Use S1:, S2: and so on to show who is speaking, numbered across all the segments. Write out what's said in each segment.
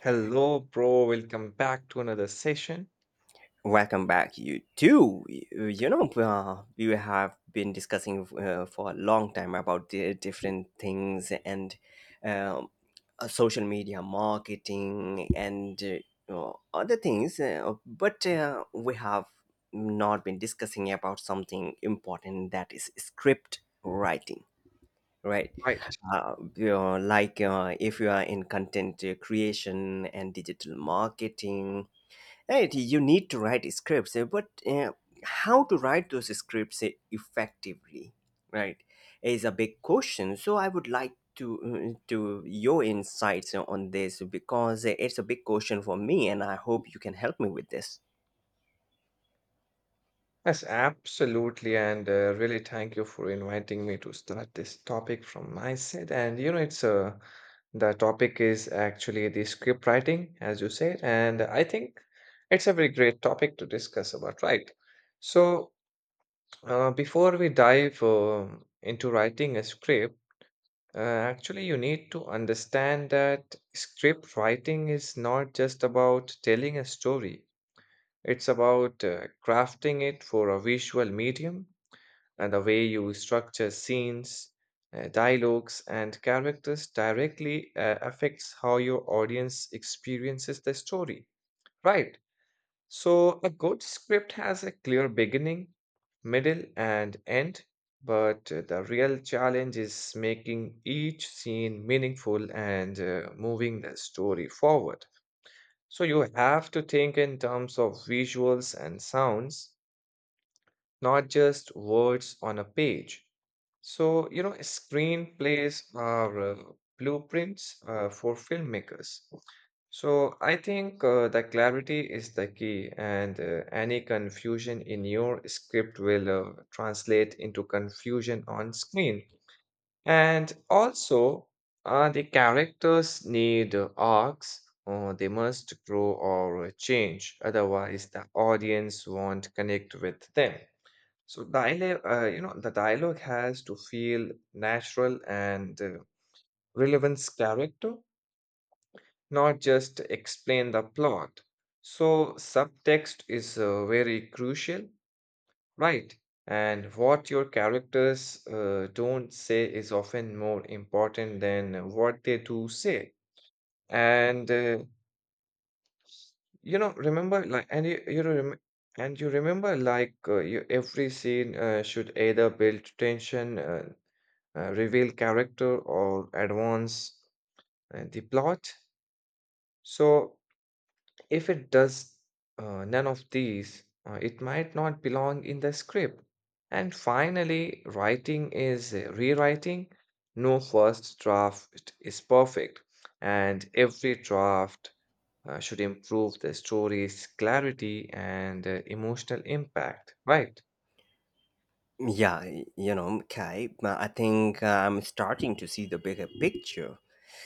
S1: Hello, bro. Welcome back to another session.
S2: Welcome back, you too. You know, we have been discussing for a long time about the different things and um, social media marketing and other things, but we have not been discussing about something important that is script writing, right?
S1: Right.
S2: You know, like if you are in content creation and digital marketing, right, you need to write scripts, but how to write those scripts effectively, right, is a big question. So I would like to your insights on this because it's a big question for me, and I hope you can help me with this.
S1: Yes, absolutely. And really thank you for inviting me to start this topic from my side. And you know, it's the topic is actually the script writing, as you said. And I think it's a very great topic to discuss about, right? So, before we dive into writing a script, actually, you need to understand that script writing is not just about telling a story, it's about crafting it for a visual medium, and the way you structure scenes, dialogues, and characters directly affects how your audience experiences the story. Right. So, a good script has a clear beginning, middle, and end, but the real challenge is making each scene meaningful and moving the story forward. So, you have to think in terms of visuals and sounds, not just words on a page. So, you know, screenplays are blueprints for filmmakers. So, I think the clarity is the key, and any confusion in your script will translate into confusion on screen. And also, the characters need arcs, or they must grow or change; otherwise, the audience won't connect with them. So dialogue, you know, the dialogue has to feel natural and relevance character, not just explain the plot. So subtext is very crucial, right? And what your characters don't say is often more important than what they do say. And you know, remember like, and you rem and you remember like you, every scene should either build tension, reveal character, or advance the plot. So, if it does none of these, it might not belong in the script. And finally, writing is rewriting. No first draft is perfect, and every draft should improve the story's clarity and emotional impact, right?
S2: Yeah, you know, Kai, I think I'm starting to see the bigger picture.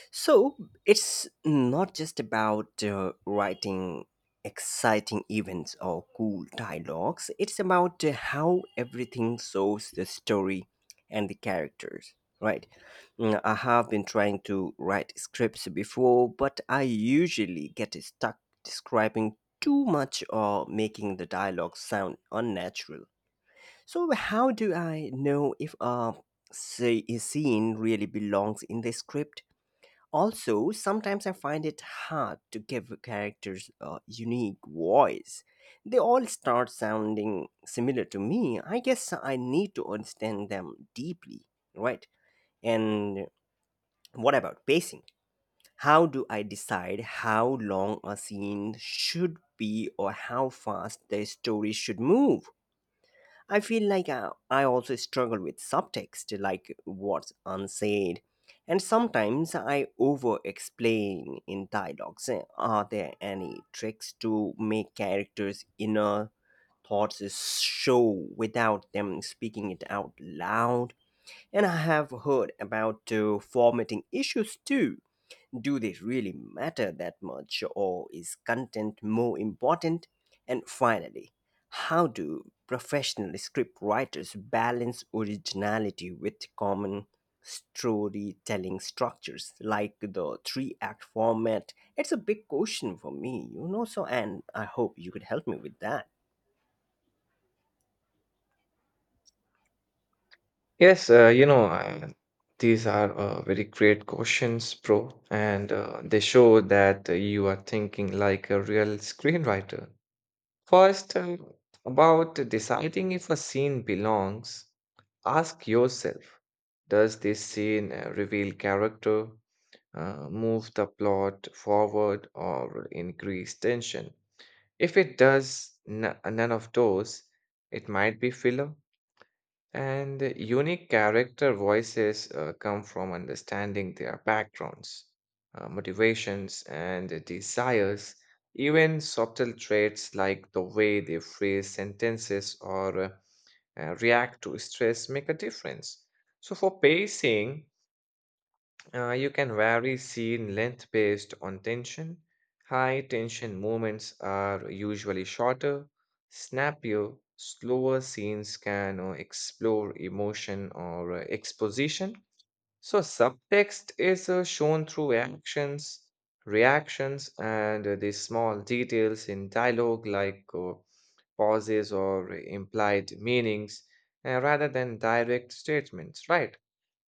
S2: So it's not just about writing exciting events or cool dialogues, it's about how everything shows the story and the characters. Right. Mm, I have been trying to write scripts before, but I usually get stuck describing too much or making the dialogue sound unnatural. So, how do I know if a, say, a scene really belongs in the script? Also, sometimes I find it hard to give characters a unique voice. They all start sounding similar to me. I guess I need to understand them deeply, right? And what about pacing? How do I decide how long a scene should be or how fast the story should move? I feel like I also struggle with subtext, like what's unsaid. And sometimes I over explain in dialogues. Are there any tricks to make characters' inner thoughts show without them speaking it out loud? And I have heard about formatting issues too, do they really matter that much, or is content more important? And finally, how do professional script writers balance originality with common storytelling structures like the three act format? It's a big question for me, you know, so, and I hope you could help me with that.
S1: Yes, these are very great questions, bro, and they show that you are thinking like a real screenwriter. First, about deciding if a scene belongs, ask yourself, does this scene reveal character, move the plot forward, or increase tension? If it does none of those, it might be filler. And unique character voices come from understanding their backgrounds, motivations, and desires, even subtle traits like the way they phrase sentences or react to stress make a difference. So, for pacing, you can vary scene length based on tension. High tension moments are usually shorter, snappier; slower scenes can explore emotion or exposition. So, subtext is shown through actions, reactions, and the small details in dialogue like pauses or implied meanings, rather than direct statements, right?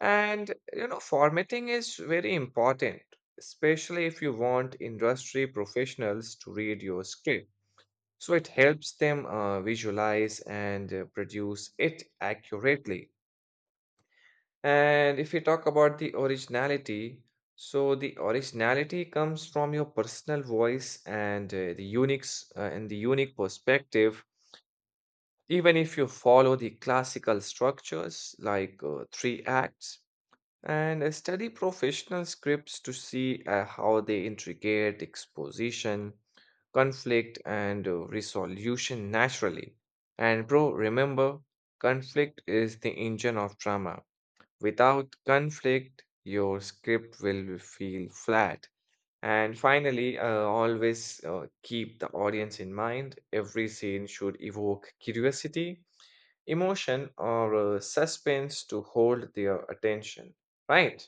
S1: And you know, formatting is very important, especially if you want industry professionals to read your script. So, it helps them visualize and produce it accurately. And if you talk about the originality, so the originality comes from your personal voice and and the unique perspective. Even if you follow the classical structures like three acts, and study professional scripts to see how they integrate exposition, conflict, and resolution naturally. And bro, remember, conflict is the engine of drama. Without conflict, your script will feel flat. And finally, always keep the audience in mind. Every scene should evoke curiosity, emotion, or suspense to hold their attention, right?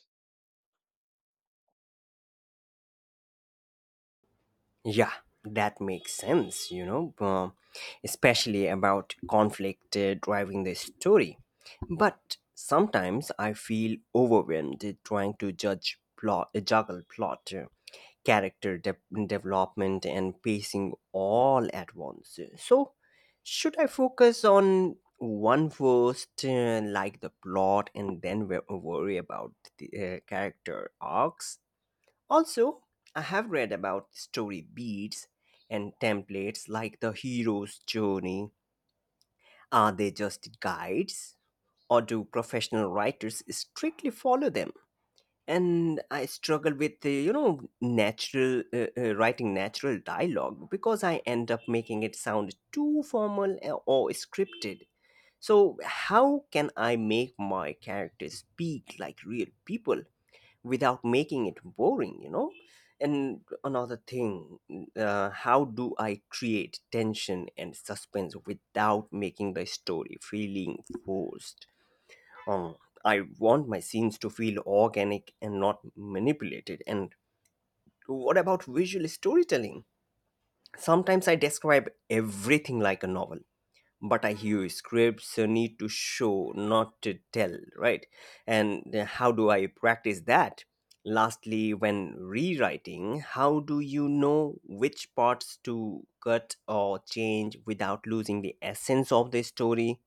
S2: Yeah, that makes sense, you know, especially about conflict driving the story. But sometimes I feel overwhelmed trying to judge plot, juggle plot, character de- development, and pacing all at once. So, should I focus on one first, like the plot, and then worry about the character arcs? Also, I have read about story beats and templates like the hero's journey. Are they just guides or do professional writers strictly follow them? And I struggle with the, you know, natural writing natural dialogue because I end up making it sound too formal or scripted. So, how can I make my characters speak like real people without making it boring, you know? And another thing, how do I create tension and suspense without making the story feeling forced? um I want my scenes to feel organic and not manipulated. And what about visual storytelling? Sometimes I describe everything like a novel, but I hear scripts need to show, not to tell, right? And how do I practice that? Lastly, when rewriting, how do you know which parts to cut or change without losing the essence of the story?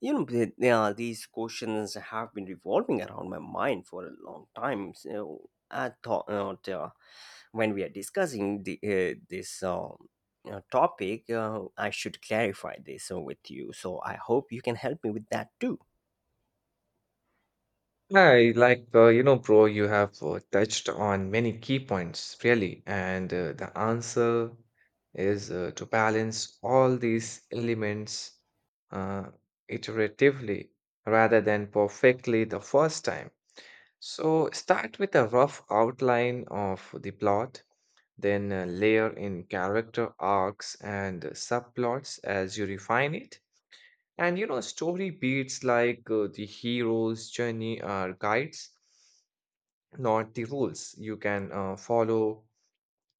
S2: You know, yeah, these questions have been revolving around my mind for a long time. So I thought, uh, when we are discussing this topic, I should clarify this with you. So I hope you can help me with that too.
S1: Hi, like, you know, Bro, you have touched on many key points, really. And the answer is to balance all these elements uh, iteratively rather than perfectly the first time. So start with a rough outline of the plot, then layer in character arcs and subplots as you refine it. And you know, story beats like the hero's journey are guides, not the rules. You can follow,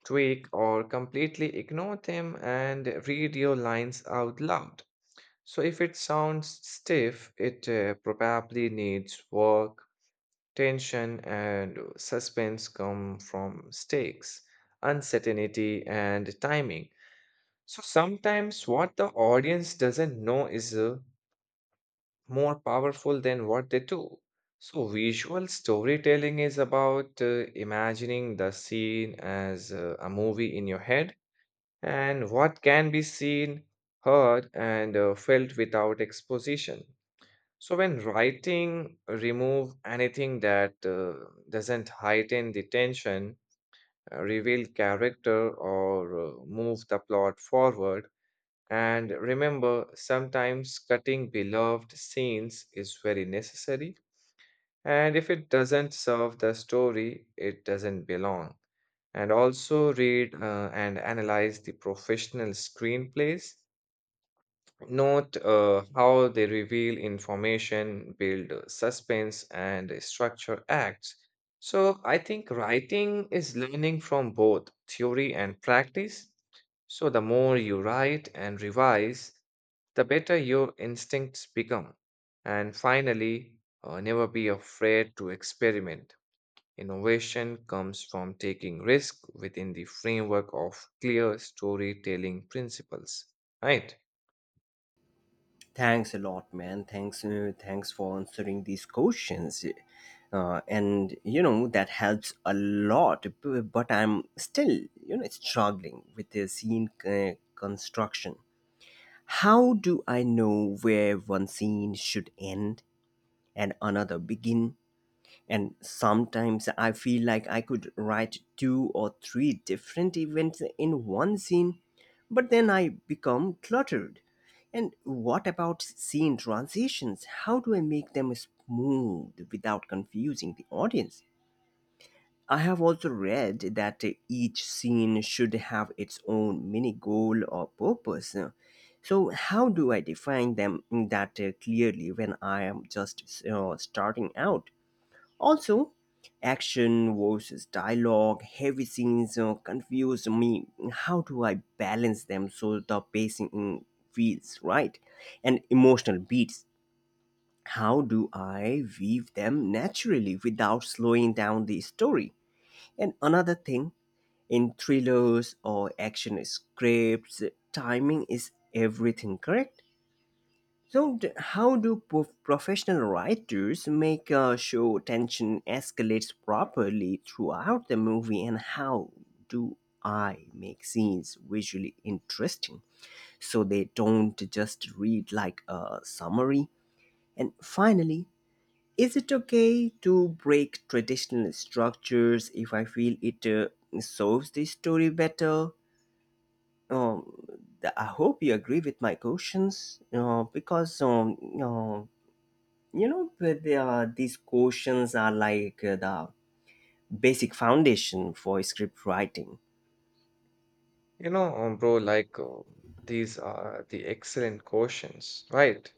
S1: tweak, or completely ignore them, and read your lines out loud. So if it sounds stiff, it probably needs work. Tension and suspense come from stakes, uncertainty, and timing. So sometimes what the audience doesn't know is more powerful than what they do. So, visual storytelling is about imagining the scene as a movie in your head, and what can be seen, heard, and felt without exposition. So, when writing, remove anything that doesn't heighten the tension, reveal character, or move the plot forward, and remember, sometimes cutting beloved scenes is very necessary. And if it doesn't serve the story, it doesn't belong. And also read and analyze the professional screenplays. Note how they reveal information, build suspense, and structure acts. So I think writing is learning from both theory and practice. So the more you write and revise, the better your instincts become. And finally, never be afraid to experiment. Innovation comes from taking risk within the framework of clear storytelling principles. Right?
S2: Thanks a lot, man. Thanks, thanks for answering these questions, and you know that helps a lot. But I'm still, you know, struggling with the scene construction. How do I know where one scene should end and another begin? And sometimes I feel like I could write two or three different events in one scene, but then I become cluttered. And what about scene transitions? How do I make them smooth without confusing the audience? I have also read that each scene should have its own mini goal or purpose. So, how do I define them that clearly when I am just starting out? Also, action versus dialogue, heavy scenes confuse me. How do I balance them so the pacing, feels right? And emotional beats, how do I weave them naturally without slowing down the story? And another thing, in thrillers or action scripts, timing is everything, correct? So, professional writers make sure tension escalates properly throughout the movie, and how do I make scenes visually interesting so they don't just read like a summary? And finally, is it okay to break traditional structures if I feel it solves the story better? Um, I hope you agree with my questions because you know, but there are, these questions are like the basic foundation for script writing.
S1: You know, bro, like These are the excellent questions, right?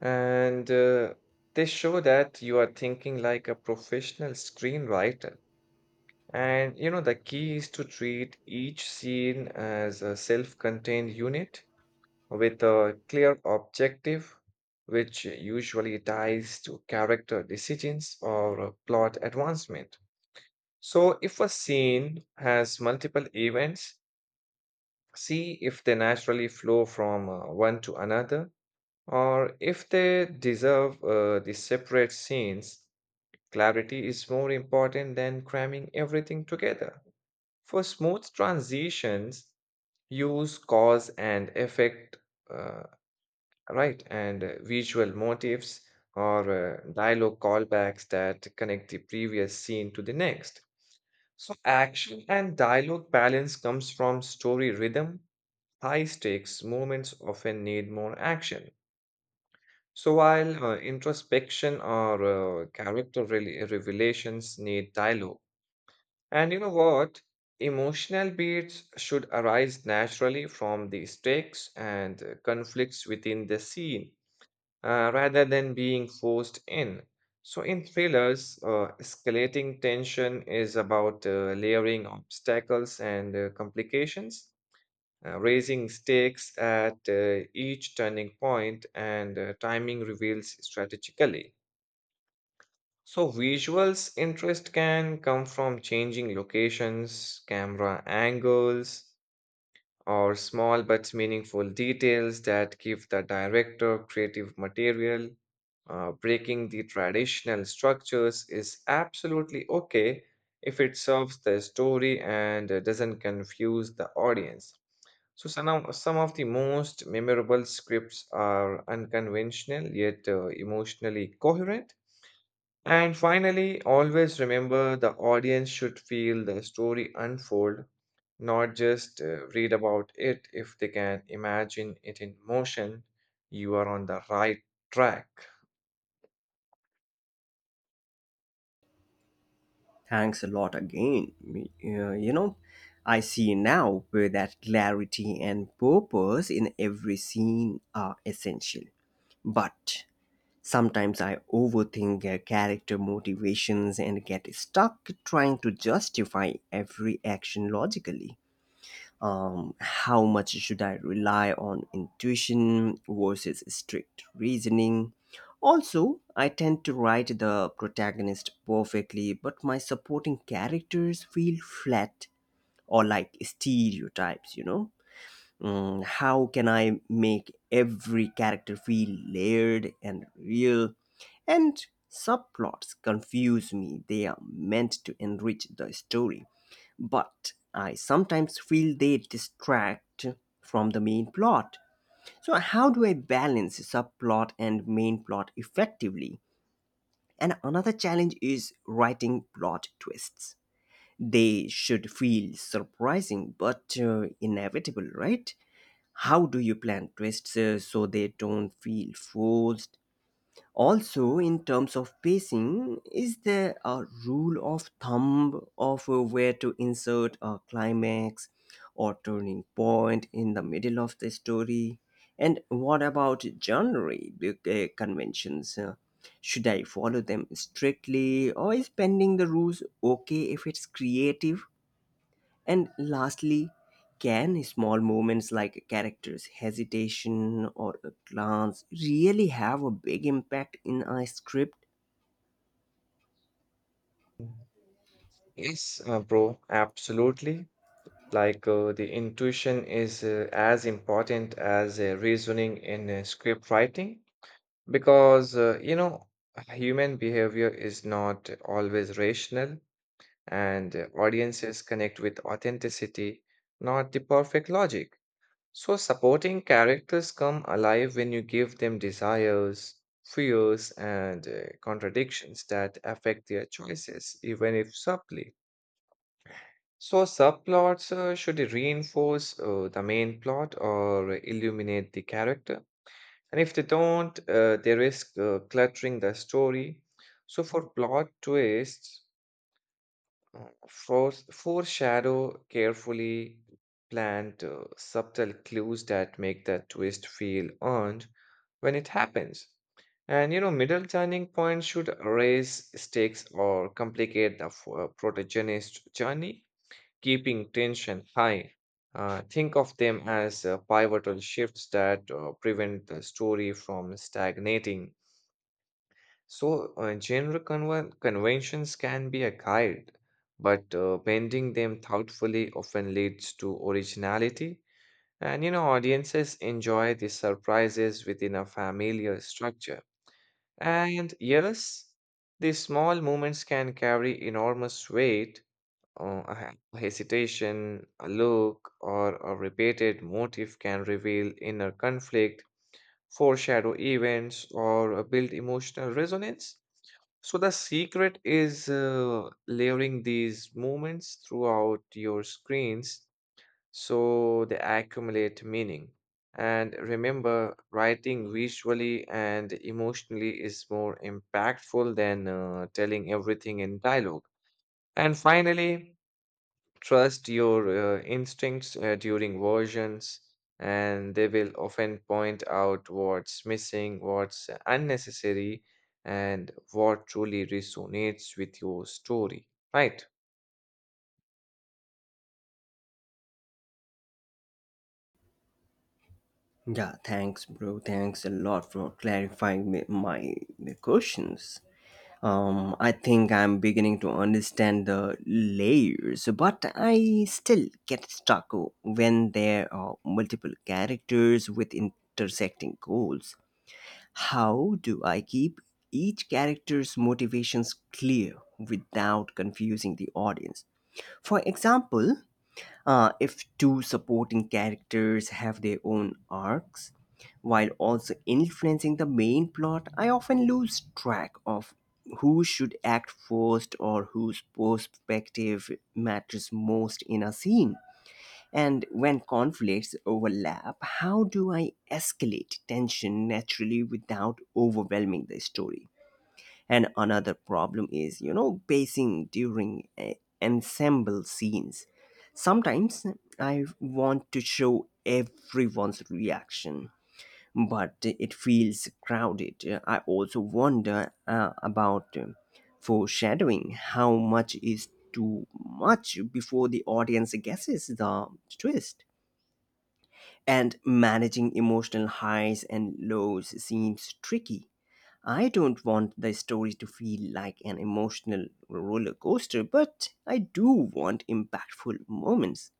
S1: And they show that you are thinking like a professional screenwriter. And you know, the key is to treat each scene as a self contained unit with a clear objective, which usually ties to character decisions or plot advancement. So, if a scene has multiple events, see if they naturally flow from one to another, or if they deserve the separate scenes. Clarity is more important than cramming everything together. For smooth transitions, use cause and effect, uh, right? And visual motifs or dialogue callbacks that connect the previous scene to the next. So, action and dialogue balance comes from story rhythm. High stakes moments often need more action. So, while introspection or revelations need dialogue. And you know what? Emotional beats should arise naturally from the stakes and conflicts within the scene, rather than being forced in. So, in thrillers, escalating tension is about layering obstacles and complications, raising stakes at each turning point, and timing reveals strategically. So, visuals interest can come from changing locations, camera angles, or small but meaningful details that give the director creative material. Breaking the traditional structures is absolutely okay if it serves the story and doesn't confuse the audience. So, some of the most memorable scripts are unconventional yet emotionally coherent. And finally, always remember the audience should feel the story unfold, not just read about it. If they can imagine it in motion, you are on the right track.
S2: Thanks a lot again, you know, I see now where that clarity and purpose in every scene are essential, but sometimes I overthink character motivations and get stuck trying to justify every action logically. How much should I rely on intuition versus strict reasoning? Also, I tend to write the protagonist perfectly, but my supporting characters feel flat or like stereotypes, you know? Mm, how can I make every character feel layered and real? And subplots confuse me, they are meant to enrich the story, but I sometimes feel they distract from the main plot. So, how do I balance subplot and main plot effectively? And another challenge is writing plot twists. They should feel surprising but inevitable, right? How do you plan twists so they don't feel forced? Also, in terms of pacing, is there a rule of thumb of where to insert a climax or turning point in the middle of the story? And what about genre conventions? Should I follow them strictly, or is bending the rules okay if it's creative? And lastly, can small moments like a character's hesitation or a glance really have a big impact in a script?
S1: Yes, bro, absolutely. The intuition is as important as reasoning in script writing, because you know, human behavior is not always rational, and audiences connect with authenticity, not the perfect logic. So, supporting characters come alive when you give them desires, fears, and contradictions that affect their choices, even if subtly. So, subplots should reinforce the main plot or illuminate the character. And if they don't, they risk cluttering the story. So, for plot twists, foreshadow carefully planned subtle clues that make that twist feel earned when it happens. And you know, middle turning points should raise stakes or complicate the protagonist's journey, keeping tension high. Think of them as pivotal shifts that prevent the story from stagnating. So, conventions can be a guide, but bending them thoughtfully often leads to originality. And you know, audiences enjoy the surprises within a familiar structure. And yes, these small moments can carry enormous weight. A hesitation, a look, or a repeated motif can reveal inner conflict, foreshadow events, or build emotional resonance. So the secret is layering these moments throughout your screens so they accumulate meaning. And remember, writing visually and emotionally is more impactful than telling everything in dialogue. And finally, trust your instincts during versions, and they will often point out what's missing, what's unnecessary, and what truly resonates with your story, right?
S2: Yeah, thanks, bro. Thanks a lot for clarifying my questions. I think I'm beginning to understand the layers, but I still get stuck when there are multiple characters with intersecting goals. How do I keep each character's motivations clear without confusing the audience? For example, if two supporting characters have their own arcs, while also influencing the main plot, I often lose track of who should act first or whose perspective matters most in a scene. And when conflicts overlap, how do I escalate tension naturally without overwhelming the story? And another problem is, you know, pacing during ensemble scenes. Sometimes I want to show everyone's reaction, but it feels crowded. I also wonder about foreshadowing, how much is too much before the audience guesses the twist? And managing emotional highs and lows seems tricky. I don't want the story to feel like an emotional roller coaster, but I do want impactful moments.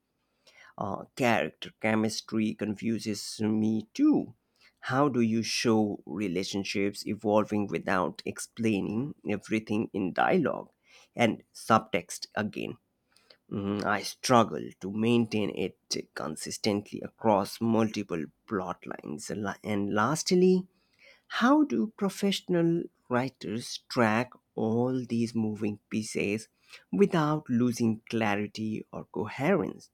S2: Character chemistry confuses me too. How do you show relationships evolving without explaining everything in dialogue and subtext again? Mm, I struggle to maintain it consistently across multiple plot lines. And lastly, how do professional writers track all these moving pieces without losing clarity or coherence?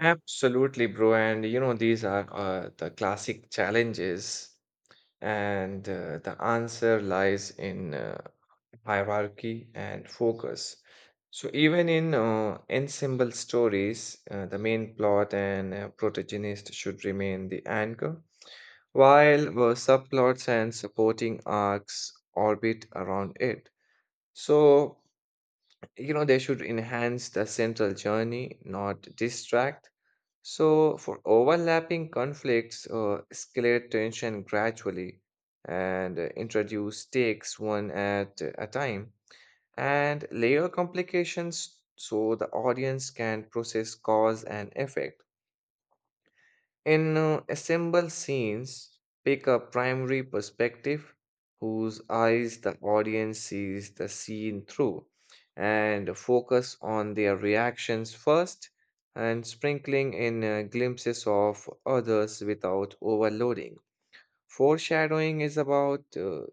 S1: Absolutely, bro. And you know, these are the classic challenges. And the answer lies in hierarchy and focus. So, even in ensemble stories, the main plot and protagonist should remain the anchor, while subplots and supporting arcs orbit around it. So, you know, they should enhance the central journey, not distract. So for overlapping conflicts, escalate tension gradually, and introduce stakes one at a time, and layer complications so the audience can process cause and effect. In assembled scenes, pick a primary perspective whose eyes the audience sees the scene through, and focus on their reactions first, and sprinkling in glimpses of others without overloading. Foreshadowing is about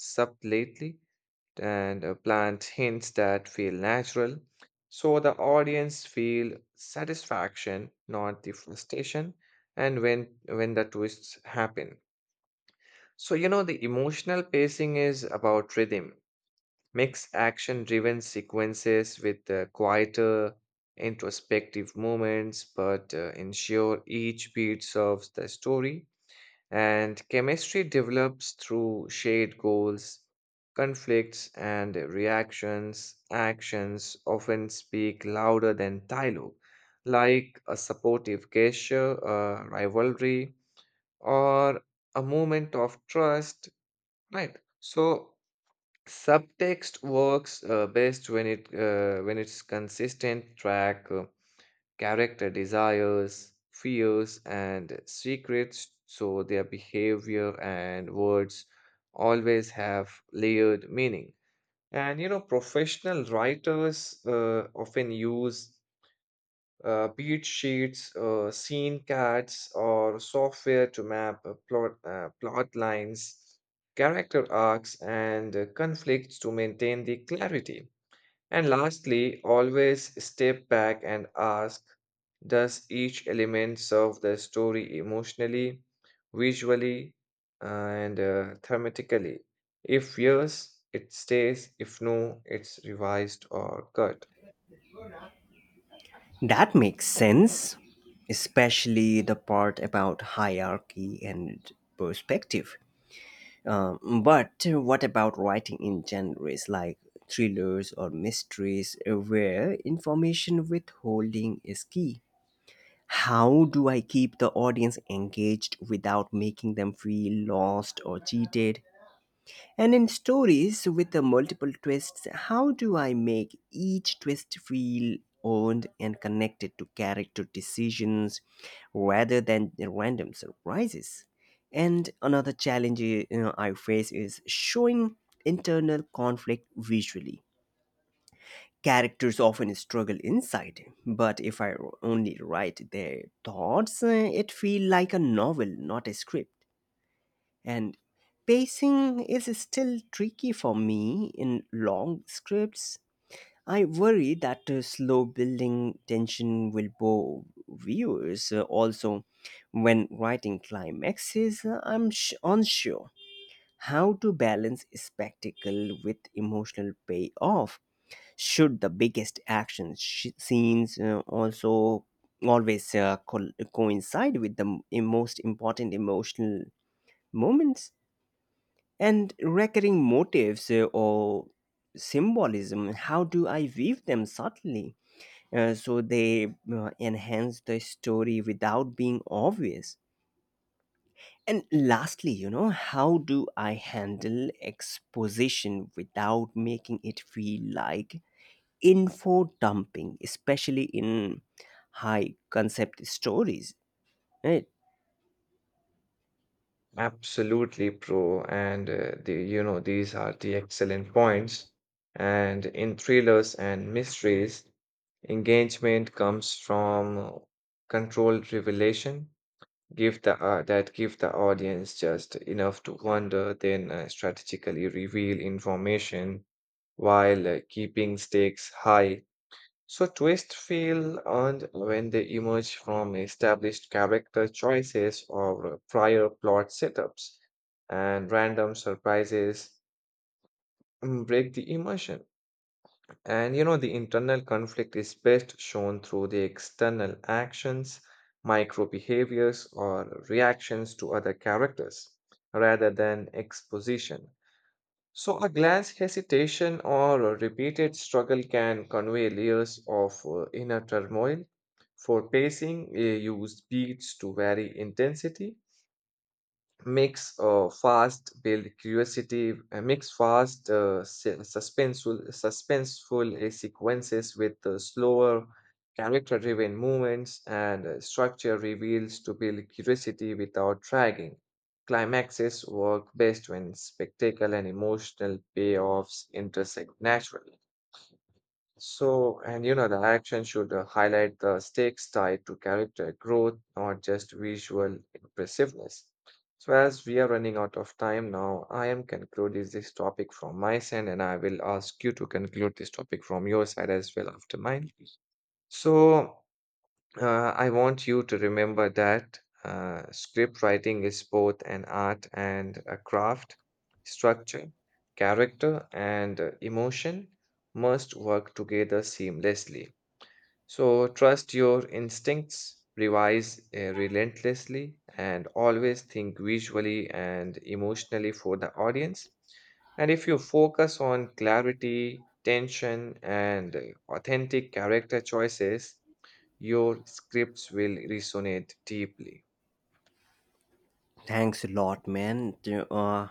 S1: subtlety, and plant hints that feel natural so the audience feel satisfaction, not the frustration, and when the twists happen. So you know, the emotional pacing is about rhythm. Mix action driven sequences with quieter introspective moments, but ensure each beat serves the story. And chemistry develops through shared goals, conflicts, and reactions. Actions often speak louder than dialogue, like a supportive gesture, a rivalry, or a moment of trust. Right. So subtext works best when it's consistent. Track character desires, fears, and secrets, so their behavior and words always have layered meaning. And you know, professional writers often use beat sheets, scene cards, or software to map plot lines, character arcs, and conflicts to maintain the clarity. And lastly, always step back and ask, does each element serve the story emotionally, visually, and thematically? If yes, it stays. If no, it's revised or cut.
S2: That makes sense, especially the part about hierarchy and perspective. But what about writing in genres like thrillers or mysteries where information withholding is key? How do I keep the audience engaged without making them feel lost or cheated? And in stories with the multiple twists, how do I make each twist feel owned and connected to character decisions rather than random surprises? And another challenge, you know, I face is showing internal conflict visually. Characters often struggle inside, but if I only write their thoughts, it feels like a novel, not a script. And pacing is still tricky for me in long scripts. I worry that slow building tension will bore viewers. Also, when writing climaxes, unsure how to balance spectacle with emotional payoff. Should the biggest action scenes also always coincide with the most important emotional moments? And recurring motifs or symbolism, how do I weave them subtly so they enhance the story without being obvious? And lastly, you know, how do I handle exposition without making it feel like info dumping, especially in high concept stories? Right?
S1: Absolutely, pro. And the you know, these are the excellent points. And in thrillers and mysteries, engagement comes from controlled revelation. Give the uh, that give the audience just enough to wonder, then strategically reveal information while keeping stakes high. So twists feel earned when they emerge from established character choices or prior plot setups, and random surprises break the immersion. And you know, the internal conflict is best shown through the external actions, micro behaviors, or reactions to other characters, rather than exposition. So, a glance, hesitation, or a repeated struggle can convey layers of inner turmoil. For pacing, we use beats to vary intensity. Makes fast build curiosity makes fast se- suspenseful suspenseful sequences with slower character driven movements, and structure reveals to build curiosity without dragging. Climaxes work best when spectacle and emotional payoffs intersect naturally, so, and you know, the action should highlight the stakes tied to character growth, not just visual impressiveness. So, as we are running out of time now, I am concluding this topic from my side, and I will ask you to conclude this topic from your side as well after mine. So, I want you to remember that script writing is both an art and a craft. Structure, character, and emotion must work together seamlessly. So trust your instincts, revise relentlessly, and always think visually and emotionally for the audience. And if you focus on clarity, tension, and authentic character choices, your scripts will resonate deeply.
S2: Thanks a lot, man. Uh,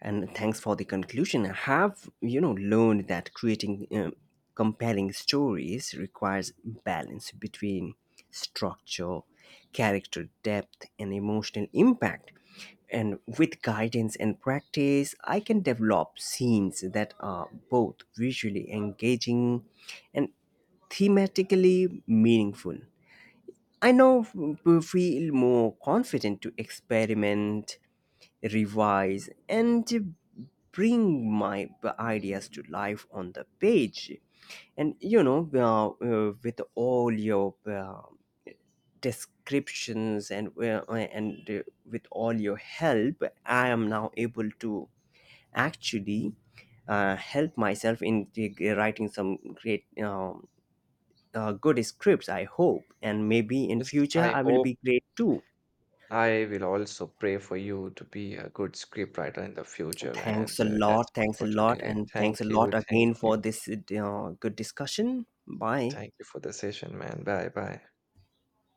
S2: and thanks for the conclusion. I have, you know, learned that creating compelling stories requires balance between structure, character depth, and emotional impact. And with guidance and practice, I can develop scenes that are both visually engaging and thematically meaningful. I now feel more confident to experiment, revise, and bring my ideas to life on the page. And you know, with all your descriptions, and with all your help, I am now able to actually help myself in writing some great good scripts, I hope, and maybe in
S1: Yes,
S2: future
S1: I
S2: I will
S1: hope
S2: be great too.
S1: I will also pray for you to be a good scriptwriter in the future.
S2: Thanks
S1: And
S2: a
S1: that's
S2: lot.
S1: all
S2: Thanks a
S1: for
S2: lot.
S1: today.
S2: And thanks a lot again for this good discussion. Bye.
S1: Thank you for the session, man. Bye bye.